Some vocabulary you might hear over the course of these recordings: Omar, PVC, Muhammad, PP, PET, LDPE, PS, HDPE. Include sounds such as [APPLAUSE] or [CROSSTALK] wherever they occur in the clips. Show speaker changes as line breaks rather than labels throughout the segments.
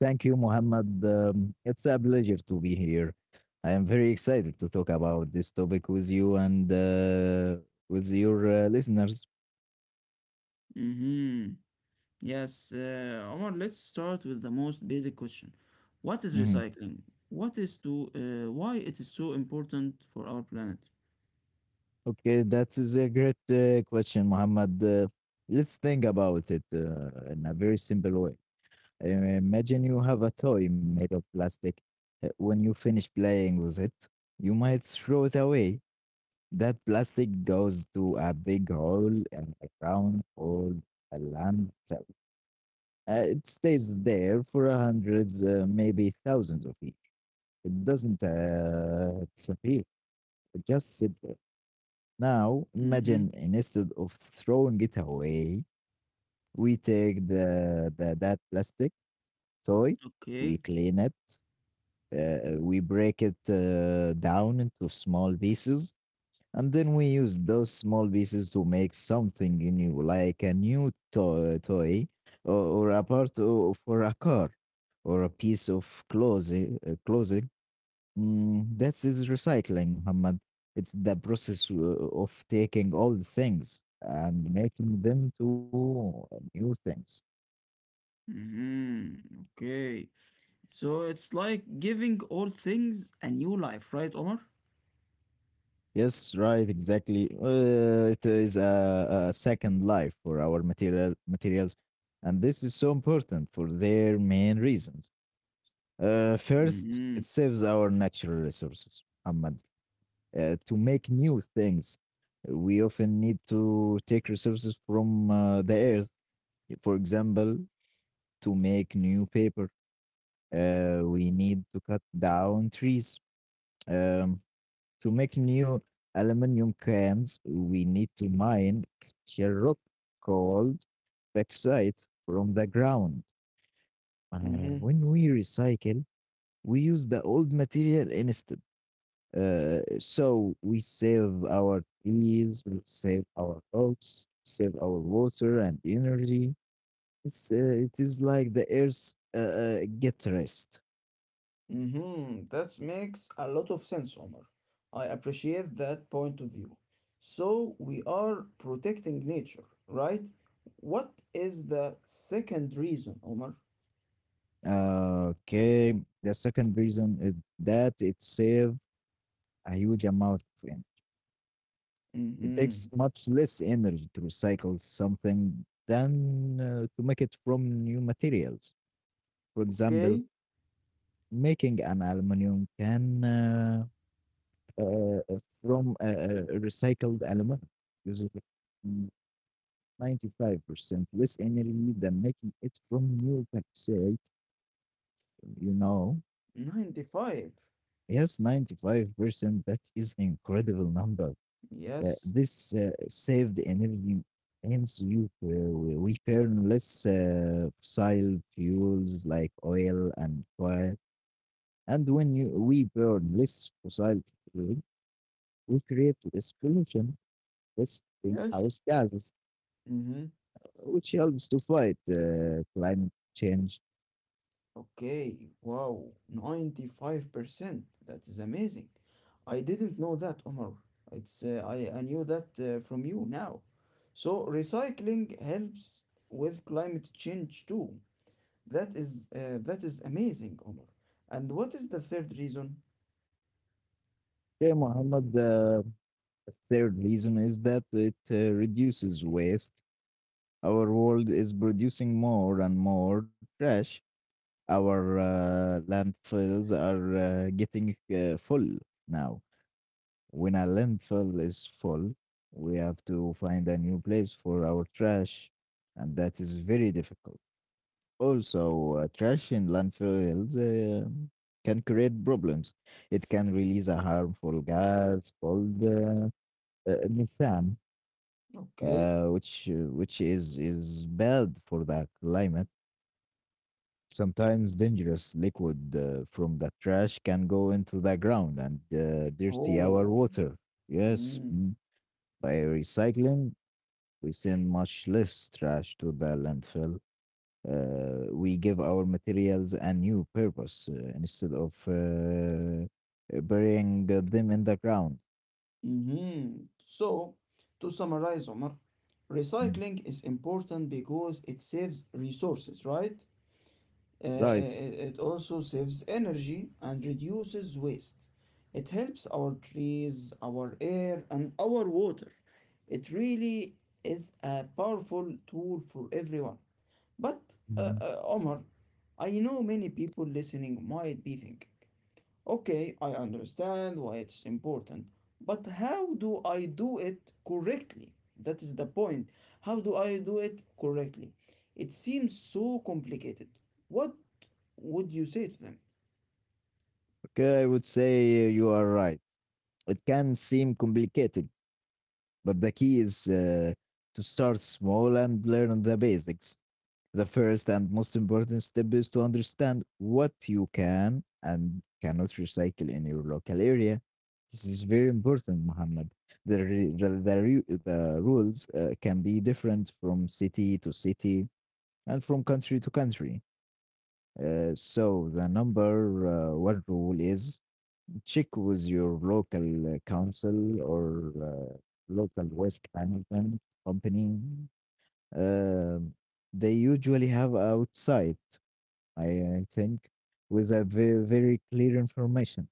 Thank you, Mohammed. It's a pleasure to be here. I am very excited to talk about this topic with you and with your listeners. Mhm. Okay, that is a great question, Mohammed. Let's think about it in a very simple way. Uh, Imagine you have a toy made of plastic. When you finish playing with it, you might throw it away. That plastic goes to a big hole in the ground called a landfill. It stays there for hundreds, maybe thousands of years. It doesn't disappear. It just sit there. Now, imagine instead of throwing it away, we take the that plastic toy, we clean it, we break it down into small pieces, and then we use those small pieces to make something new, like a new toy or a part for a car or a piece of clothing. That is recycling, Muhammad. It's the process of taking old things and making them to new things. Yes, right, exactly. It is a second life for our materials, and this is so important for their main reasons. First, it saves our natural resources, Ahmad. To make new things, we often need to take resources from the earth. For example, to make new paper, we need to cut down trees. Um, to make new aluminum cans, we need to mine special rock called bauxite from the ground. Uh, when we recycle, we use the old material instead. So we save our trees, we save our rocks, save our water and energy. It is like the earth get rest. Okay, the second reason is that it saves a huge amount of energy. It takes much less energy to recycle something than to make it from new materials. For example, making an aluminium can. Uh, from recycled aluminum, uses 95% less energy than making it from new bauxite. You know, yes, 95%, that is incredible number. This saved energy, hence you we burn less fossil fuels like oil and coal. And when you we burn less fossil fuel, we create less pollution, less greenhouse gases, which helps to fight climate change. Okay, Mohammed, the third reason is that it reduces waste. Our world is producing more and more trash. Our landfills are getting full now. When a landfill is full, we have to find a new place for our trash, and that is very difficult. Also, trash in landfills can create problems. It can release a harmful gas called methane, which is bad for the climate. Sometimes dangerous liquid from the trash can go into the ground and dirty our water. Yes. Mm. By recycling, we send much less trash to the landfill. We give our materials a new purpose instead of burying them in the ground. Mm. Right. Mhm. Okay, I would say you are right. It can seem complicated, but the key is to start small and learn the basics. The first and most important step is to understand what you can and cannot recycle in your local area. This is very important, Muhammad. The, re- the, ru- the rules can be different from city to city and from country to country. So, the number one rule is check with your local council or local waste management company. Um, they usually have outside, I I think, with a very clear information.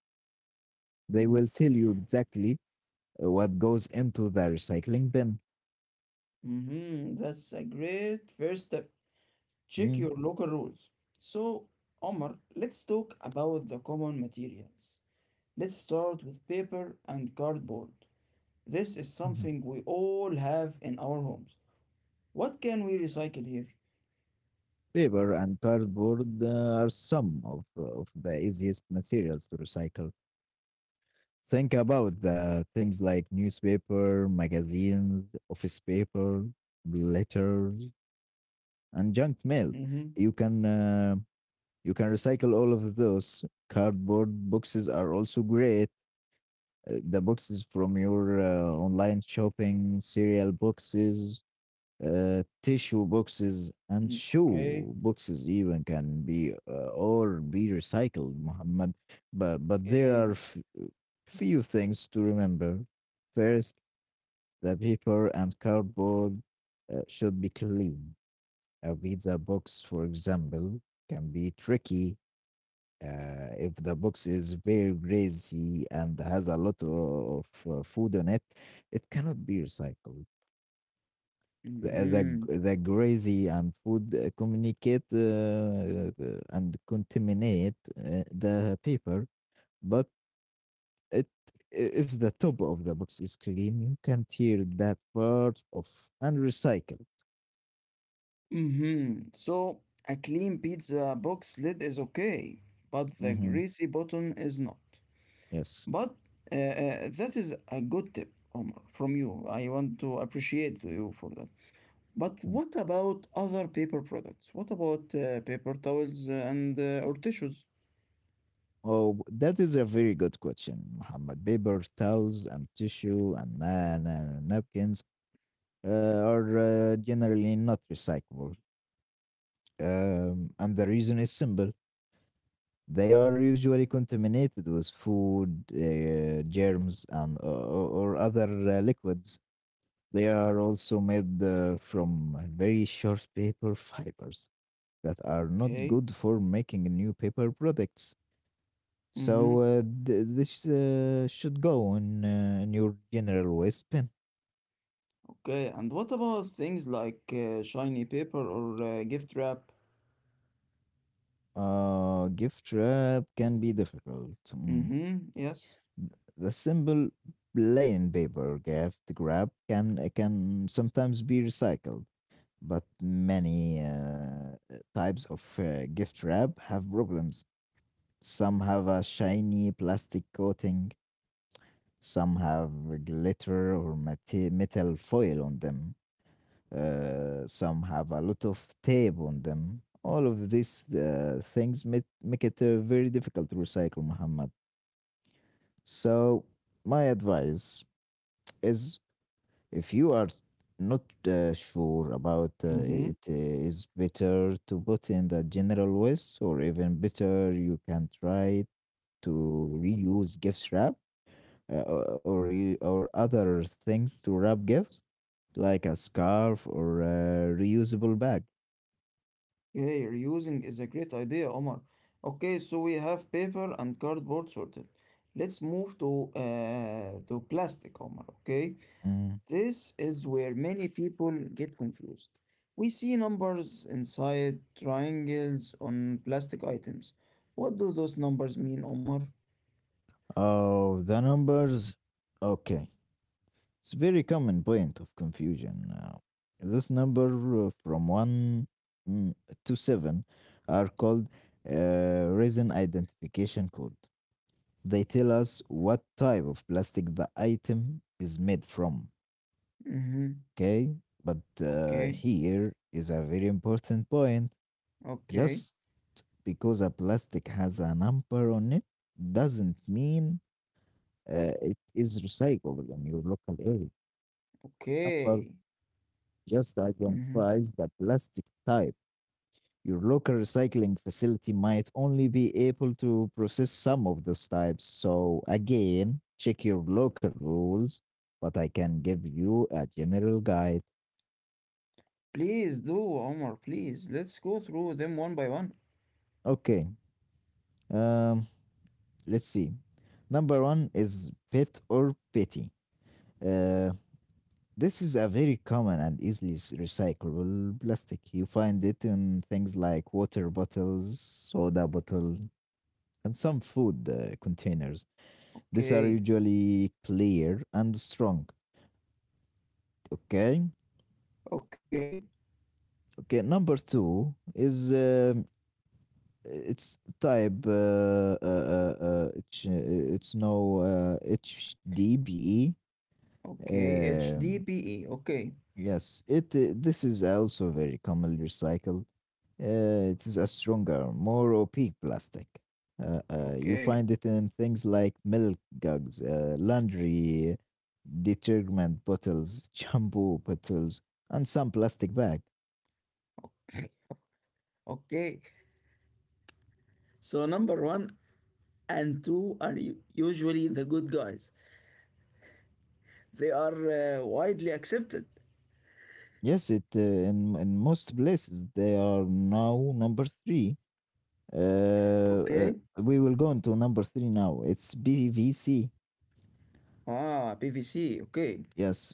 They will tell you exactly what goes into the recycling bin. Mm. Mhm. Paper and cardboard are some of the easiest materials to recycle. Think about the things like newspaper, magazines, office paper, letters, and junk mail. You can uh, you can recycle all of those. Cardboard boxes are also great, the boxes from your online shopping, cereal boxes, tissue boxes, and shoe boxes even can be recycled, Muhammad. But there are few things to remember. First, the paper and cardboard should be clean. A pizza box, for example, can be tricky. If the box is very greasy and has a lot of food on it, it cannot be recycled. The greasy and food, communicate and contaminate the paper, but it if the top of the box is clean, you can tear that part off and recycle. Hmm. Yes. Thank- Oh, that is a very good question, Muhammad. Paper towels and tissue and napkins uh, are generally not recyclable. And the reason is simple, they are usually contaminated with food, germs, and or other liquids. They are also made from very short paper fibers that are not good for making new paper products. So this should go in your general waste bin. Gift wrap can be difficult. Mm. The simple plain paper gift grab can sometimes be recycled, but many types of gift wrap have problems. Some have a shiny plastic coating, some have glitter or metal foil on them, some have a lot of tape on them. All of these things make it very difficult to recycle, Muhammad. So, my advice is, if you are not sure about it, is better to put in the general waste, or even better, you can try to reuse gift wrap, uh, or other things to wrap gifts, like a scarf or a reusable bag. Mm. Oh, the numbers. Okay. It's very common point of confusion. This number from 1 mm, to 7 are called resin identification code. They tell us what type of plastic the item is made from. Okay, but here is a very important point. Just because a plastic has a number on it doesn't mean it is recyclable in your local area. Number just identifies the plastic type. Your local recycling facility might only be able to process some of those types. So, again, check your local rules, but I can give you a general guide. Okay, um, let's see. Number one is pet or petty. Uh, this is a very common and easily recyclable plastic. You find it in things like water bottles, soda bottle, and some food containers. These are usually clear and strong. Okay. Okay. Number two is it's type. It's no HDBE. Um, Yes, it this is also very commonly recycled. It is a stronger, more opaque plastic. You find it in things like milk jugs, laundry detergent bottles, [LAUGHS] shampoo bottles, and some plastic bag. Yes, it in most places they are now number three. Uh, uh, we will go into number three now. It's PVC. Yes,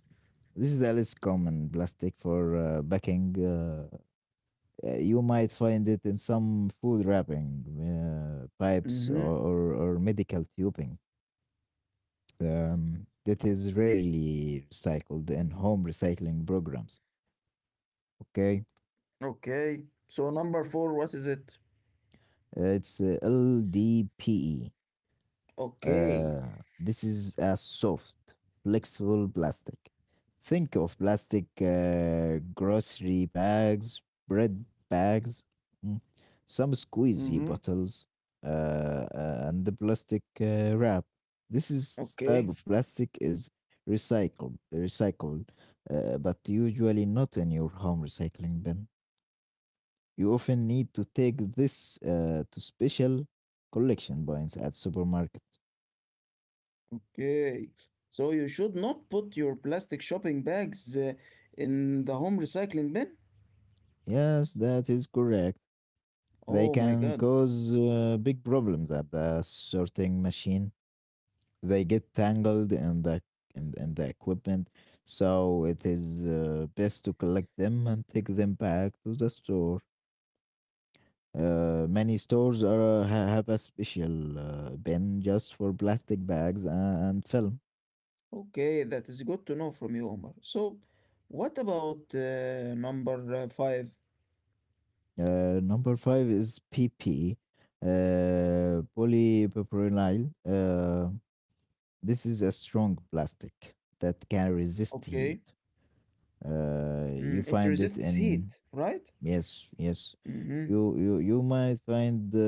this is a less common plastic for backing. You might find it in some food wrapping, pipes, or medical tubing, that is rarely recycled in home recycling programs. Okay, it's LDPE. Uh, this is a soft, flexible plastic. Think of plastic grocery bags, bread bags, mm, some squeezy bottles, uh, and the plastic wrap. This is type of plastic is recycled, but usually not in your home recycling bin. You often need to take this to special collection points at supermarkets. Yes, that is correct. They can cause big problems at the sorting machine. They get tangled in in the equipment, so it is best to collect them and take them back to the store. Many stores have a special bin just for plastic bags and film. Number five is PP, polypropylenyl. This is a strong plastic that can resist heat. You find it in, yes, yes. You might find uh,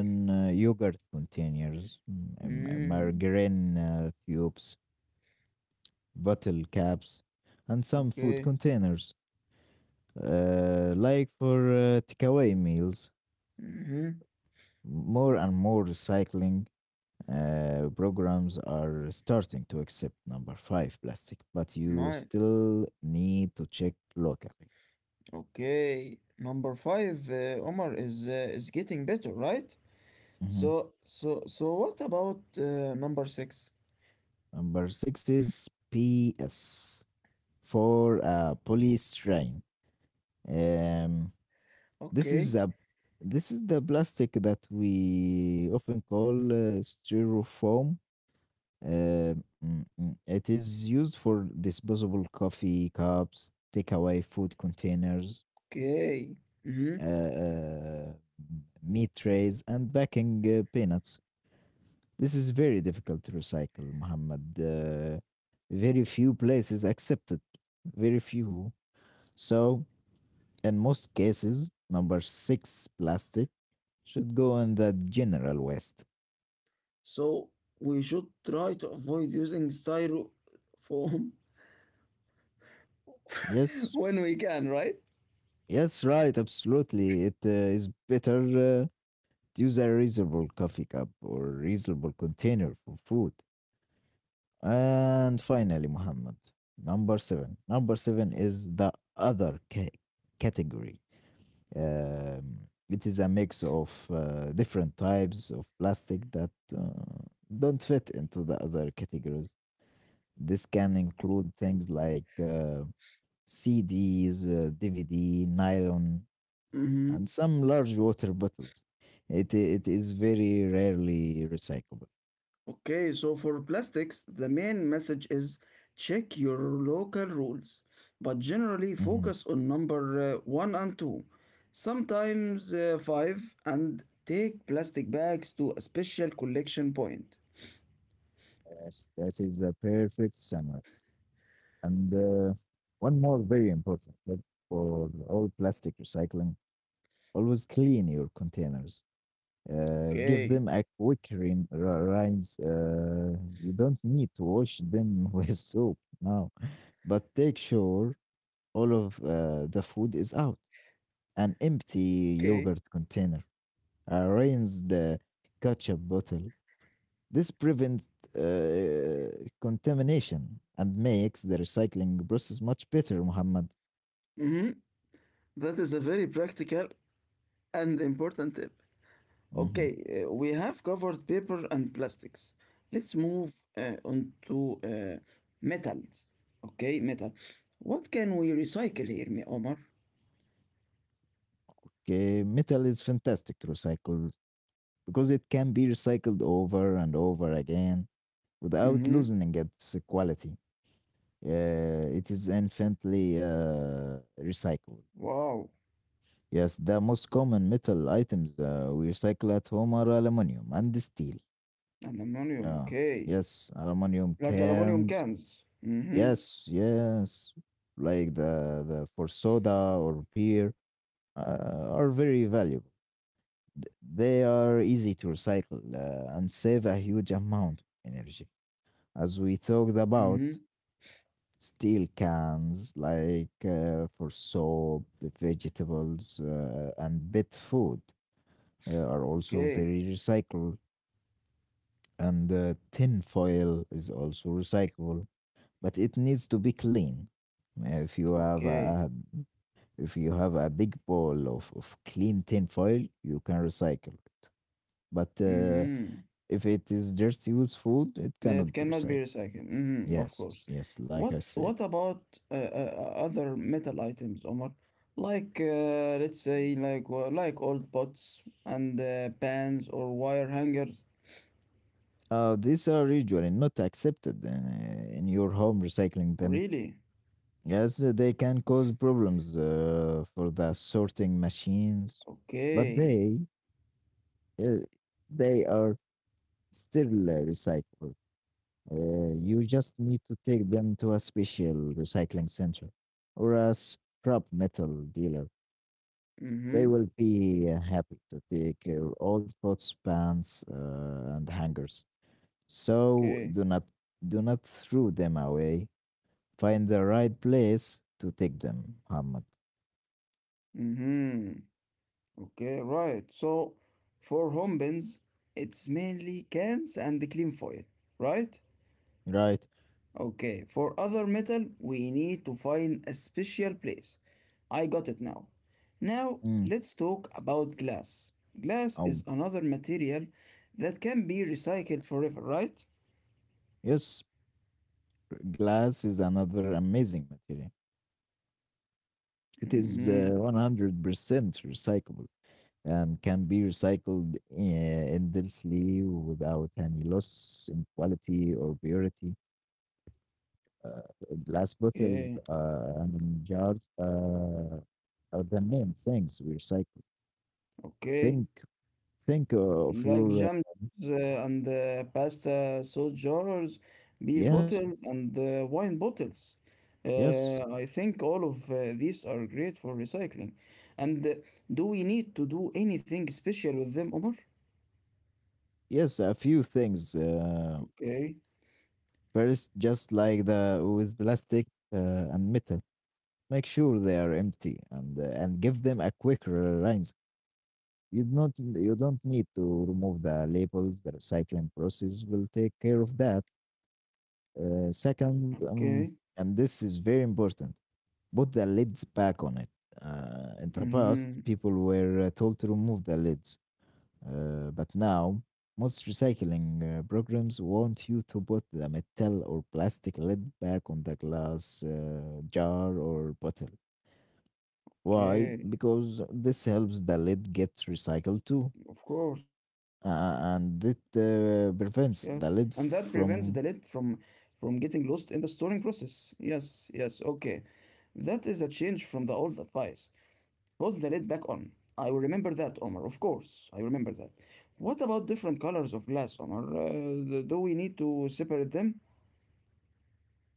in, uh, yogurt containers, margarine tubes, bottle caps, and some food containers. Like for takeaway meals, more and more recycling programs are starting to accept number five plastic, but you still need to check locally. Mhm. Number six is PS for a polystyrene. Um, this is a this is the plastic that we often call styrofoam. It is used for disposable coffee cups, takeaway food containers, uh, uh, meat trays, and packing peanuts. This is very difficult to recycle, Muhammad. Very few places accept it. Very few. So, in most cases, number six plastic should go in the general waste. Yes, yes, right, absolutely. It is better to use a reusable coffee cup or reusable container for food. And finally, Muhammad, number seven. Number seven is the category. It is a mix of different types of plastic that uh, don't fit into the other categories. This can include things like CDs, DVD, nylon, and some large water bottles. It is very rarely recyclable. Mhm. Yes, that is the perfect summary. And one more very important tip for all plastic recycling, always clean your containers. Give them a quick rinse. You don't need to wash them [LAUGHS] with soap now, but take sure all of the food is out. An empty yogurt container, a rinsed ketchup bottle. This prevents uh, contamination and makes the recycling process much better, Muhammad. Mhm. Okay, metal is fantastic to recycle because it can be recycled over and over again without losing its quality. It is infinitely recyclable. Yes, the most common metal items we recycle at home are aluminum and steel. Uh, yes, aluminum cans. Yes, yes, like the for soda or beer are very valuable. They are easy to recycle and save a huge amount of energy. As we talked about, steel cans, like for soap, vegetables, and pet food, are also very recyclable. And tin foil is also recyclable, but it needs to be clean. Uh, If you have a if you have a big ball of clean tin foil, you can recycle it. But if it is just used food, it cannot be recycled. Yes, yes, like I said. These are usually not accepted in your home recycling bin, as they can cause problems for the sorting machines. But uh, they are still recyclable. You just need to take them to a special recycling center or a scrap metal dealer. They will be happy to take your old pots, pans, and hangers. So do not do not throw them away. Find the right place to take them, Muhammad. Right? Mm. Oh, yes. Glass is another amazing material. It is 100% recyclable and can be recycled endlessly without any loss in quality or purity. Uh, Glass bottles and jars are the main things we recycle. Think, think of your yes, yes, yes. A few things. First, just like the with plastic and metal, make sure they are empty and give them a quick rinse. You don't need to remove the labels. The recycling process will take care of that. Second, and this is very important, put the lids back on it. In the past, people were told to remove the lids, but now most recycling programs want you to put the metal or plastic lid back on the glass jar or bottle. Why? Because this helps the lid get recycled too, and it prevents the lid from.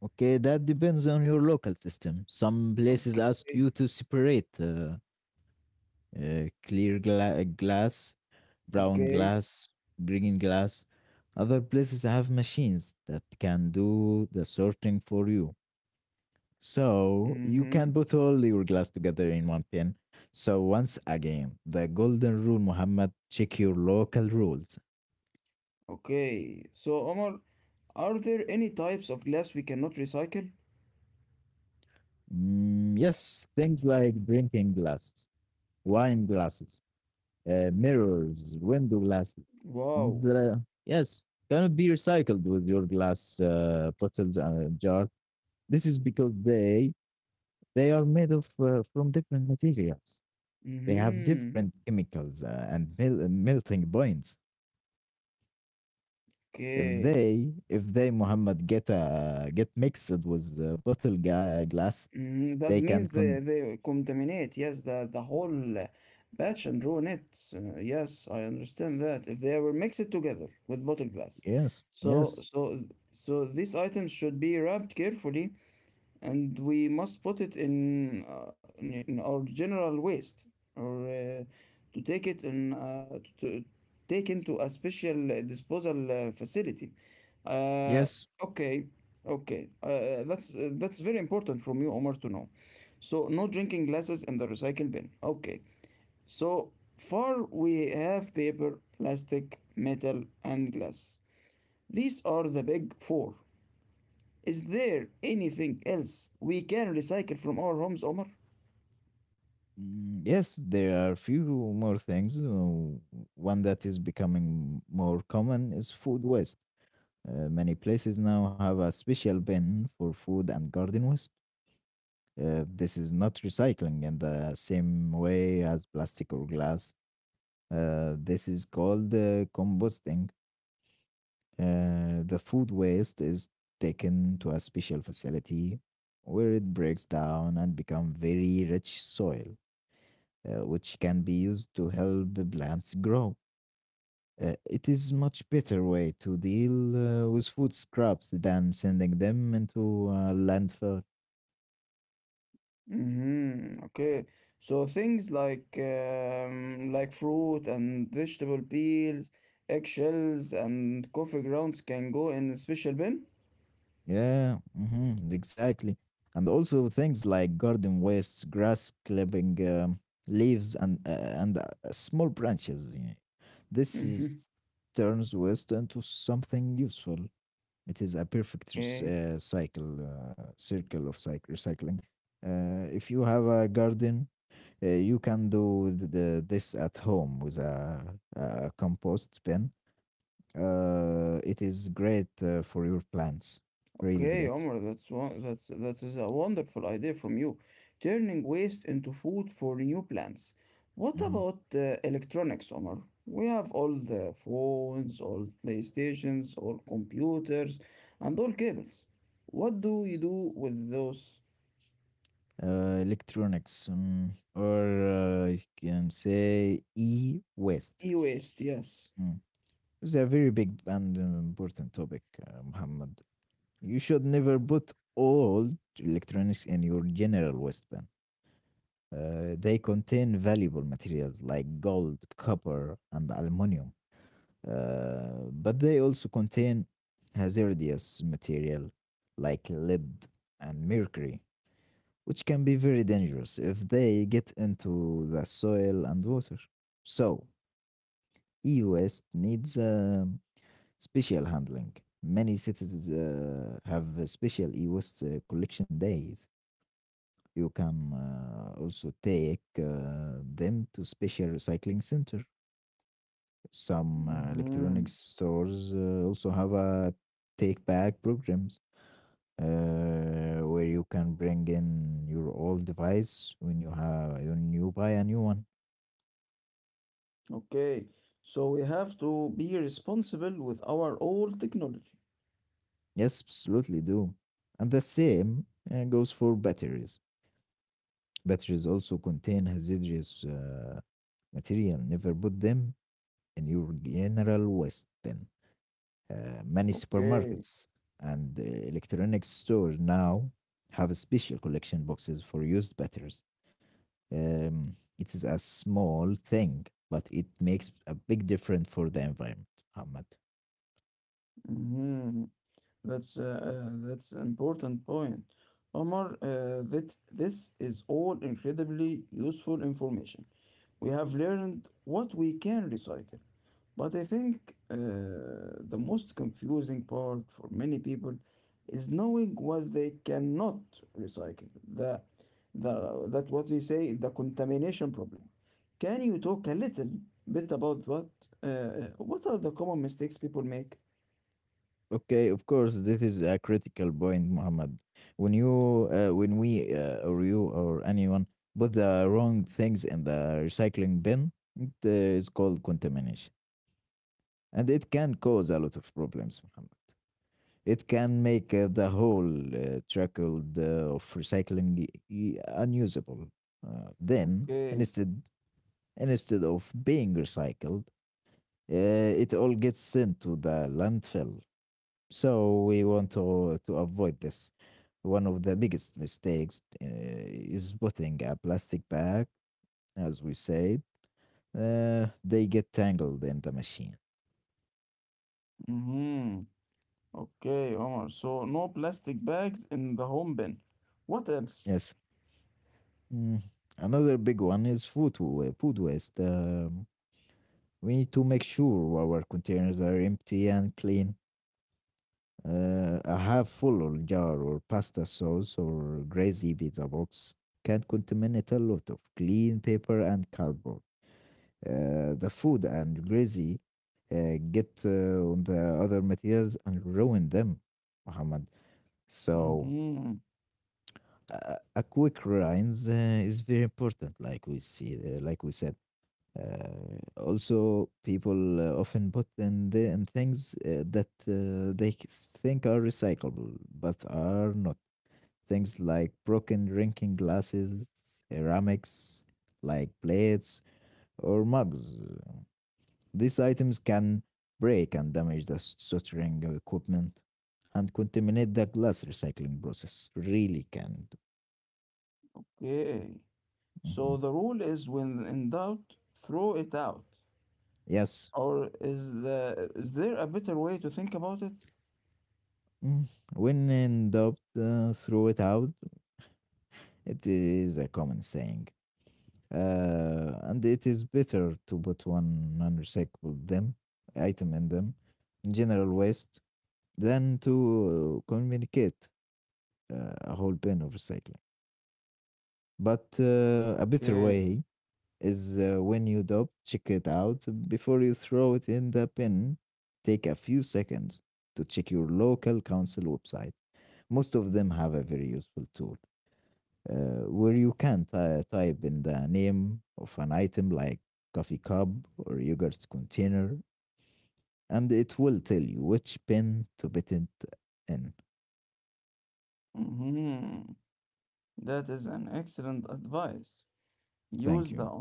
Okay, that depends on your local system. Some places ask you to separate clear glass, brown glass, green glass. Other places have machines that can do the sorting for you. So you can put all your glass together in one pin. So once again, the golden rule, Muhammad, check your local rules. Mm, yes, things like drinking glasses, wine glasses, mirrors, window glasses, and yes, cannot be recycled with your glass bottles and jar. This is because they are made of from different materials. They have different chemicals and melting points. If they Muhammad get mixed with bottle glass, they can con, yes, yes, yes. Mm, yes, there are few more things. One that is becoming more common is food waste. Many places now have a special bin for food and garden waste. This is not recycling in the same way as plastic or glass. This is called composting. The food waste is taken to a special facility where it breaks down and becomes very rich soil, which can be used to help the plants grow. It is much better way to deal with food scraps than sending them into a landfill. Yeah, mhm, exactly. And also things like garden waste, grass clipping, leaves, and small branches. Yeah. This is turns waste into something useful. It is a perfect cycle, circle of cyc recycling. If you have a garden, you can do this at home with a compost bin. It is great for your plants, really great. Mhm. Electronics, or you can say e-waste. Mm. It's a very big and important topic, Muhammad. You should never put all electronics in your general waistband. They contain valuable materials like gold, copper, and aluminum, but they also contain hazardous material like lead and mercury, which can be very dangerous if they get into the soil and water. So, e-waste needs special handling. Many cities have special e-waste collection days. You can also take them to special recycling center. Some electronics stores also have a take back programs where you can bring in your old device when you buy a new one. Yes, absolutely do. And the same goes for batteries. Batteries also contain hazardous material. Never put them in your general waste bin. Many supermarkets and electronics stores now have special collection boxes for used batteries. It is a small thing, but it makes a big difference for the environment, Muhammad. Okay, of course, this is a critical point, Muhammad. When we, or you, or anyone put the wrong things in the recycling bin, it is called contamination, and it can cause a lot of problems, Muhammad. It can make the whole trickle of recycling unusable. Uh, then, instead, instead of being recycled, uh, it all gets sent to the landfill. So we want to avoid this. One of the biggest mistakes is putting a plastic bag, as we said. They get tangled in the machine. Yes. Mm. Another big one is food waste. We need to make sure our containers are empty and clean. A half full jar or pasta sauce or greasy pizza box can contaminate a lot of clean paper and cardboard. The food and greasy get on the other materials and ruin them, Muhammad. So a quick rinse is very important, like we see, like we said. Also, people often put in, in things that think are recyclable, but are not. Things like broken drinking glasses, ceramics, like plates or mugs. These items can break and damage the soldering equipment and contaminate the glass recycling process. Really can. Mhm. Yes. Mm. When in doubt, throw it out. It is a common saying, and it is better to put one non-recyclable them item in them in general waste than to communicate a whole bin of recycling. But a better way is when you double check it out before you throw it in the bin. Take a few seconds to check your local council website. Most of them have a very useful tool where you can type in the name of an item like coffee cup or yogurt container, and it will tell you which bin to put it in. Thank you.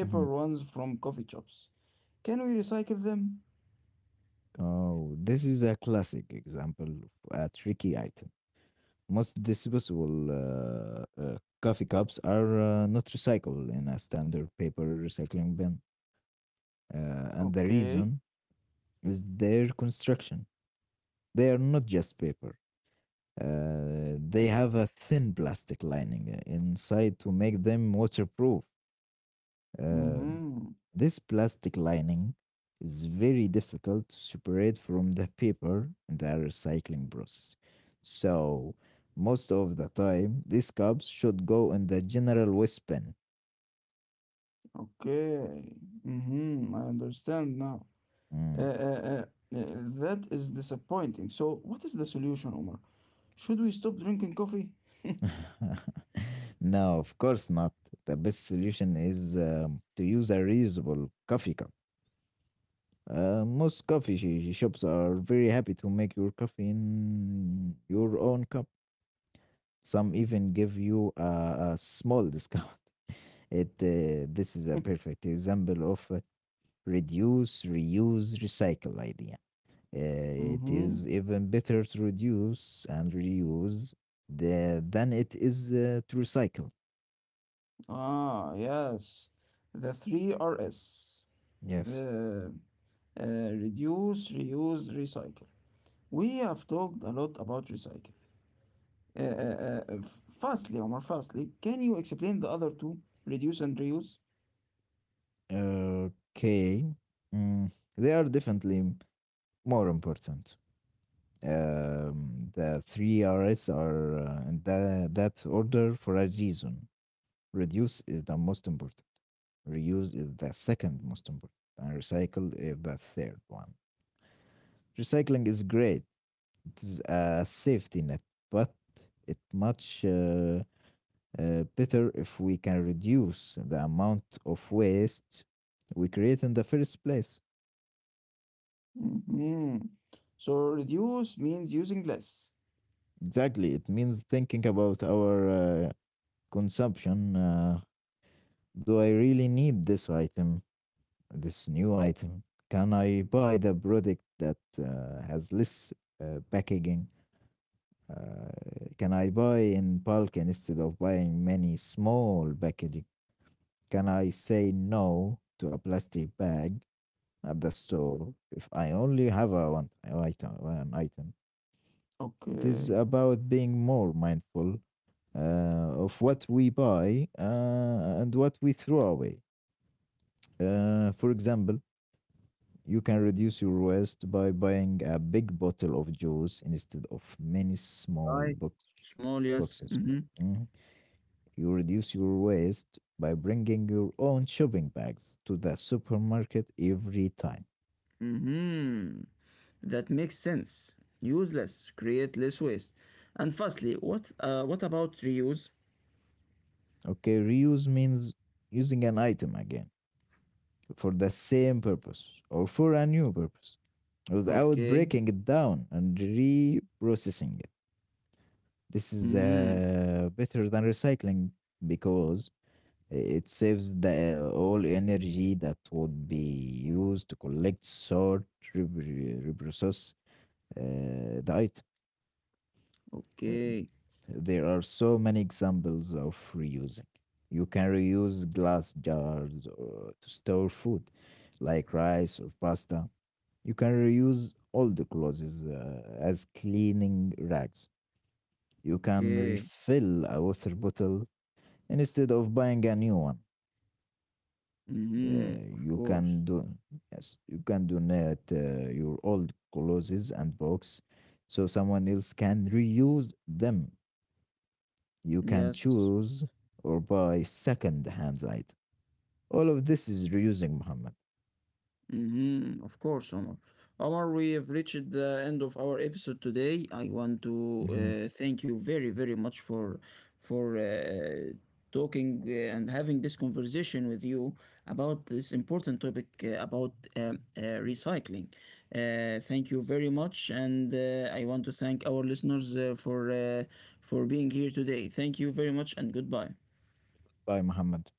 Mhm. Oh, this is a classic example of a tricky item. Most disposable coffee cups are not recyclable in a standard paper recycling bin, and the reason is their construction. They are not just paper. They have a thin plastic lining inside to make them waterproof. Um, this plastic lining is very difficult to separate from the paper in the recycling process. So, most of the time, these cups should go in the general waste bin. Mm. [LAUGHS] No, of course not. The best solution is to use a reusable coffee cup. Most coffee shops are very happy to make your coffee in your own cup. Some even give you a small discount. [LAUGHS] It This is a perfect example of reduce, reuse, recycle idea. It is even better to reduce and reuse than it is to recycle. Yes. Okay. Mm, they are definitely more important. The three R's are in that order for a reason. Reduce is the most important. Reuse is the second most important. And recycle is the third one. Recycling is great. It is a safety net, but it much better if we can reduce the amount of waste we create in the first place. Exactly. It means thinking about our uh, consumption. Do I really need this item, this new item? Can I buy the product that has less packaging? Uh, can I buy in bulk instead of buying many small packaging? Can I say no to a plastic bag at the store if I only have a one item? One item. It is about being more mindful uh, of what we buy and what we throw away. For example, you can reduce your waste by buying a big bottle of juice instead of many
Right.
small
Small, yes.
boxes.
Mm-hmm.
Mhm. You reduce your waste by bringing your own shopping bags to the supermarket every time.
Mm-hmm. That makes sense. Useless. Create less waste. And firstly, what about reuse?
Okay, reuse means using an item again for the same purpose or for a new purpose without
Okay.
breaking it down and reprocessing it. This is
Mm-hmm.
better than recycling because it saves the all energy that would be used to collect, sort, reprocess the item. Uh,
Okay.
There are so many examples of reusing. You can reuse glass jars to store food, like rice or pasta. You can reuse all the clothes as cleaning rags. You can
Okay.
refill a water bottle instead of buying a new one. Yeah,
Mm-hmm. Of
you
course.
can do Yes, you can donate your old clothes and box so someone else can reuse them. You can
Yes.
choose or buy second hand item. All of this is reusing, Muhammad.
Mm-hmm, of course, Omar. Omar, we have reached the end of our episode today. I want to
Mhm.
uh, thank you very, very much for for uh, talking and having this conversation with you about this important topic about recycling. Thank you very much, and I want to thank our listeners for being here today. Thank you very much, and goodbye.
Bye, Muhammad.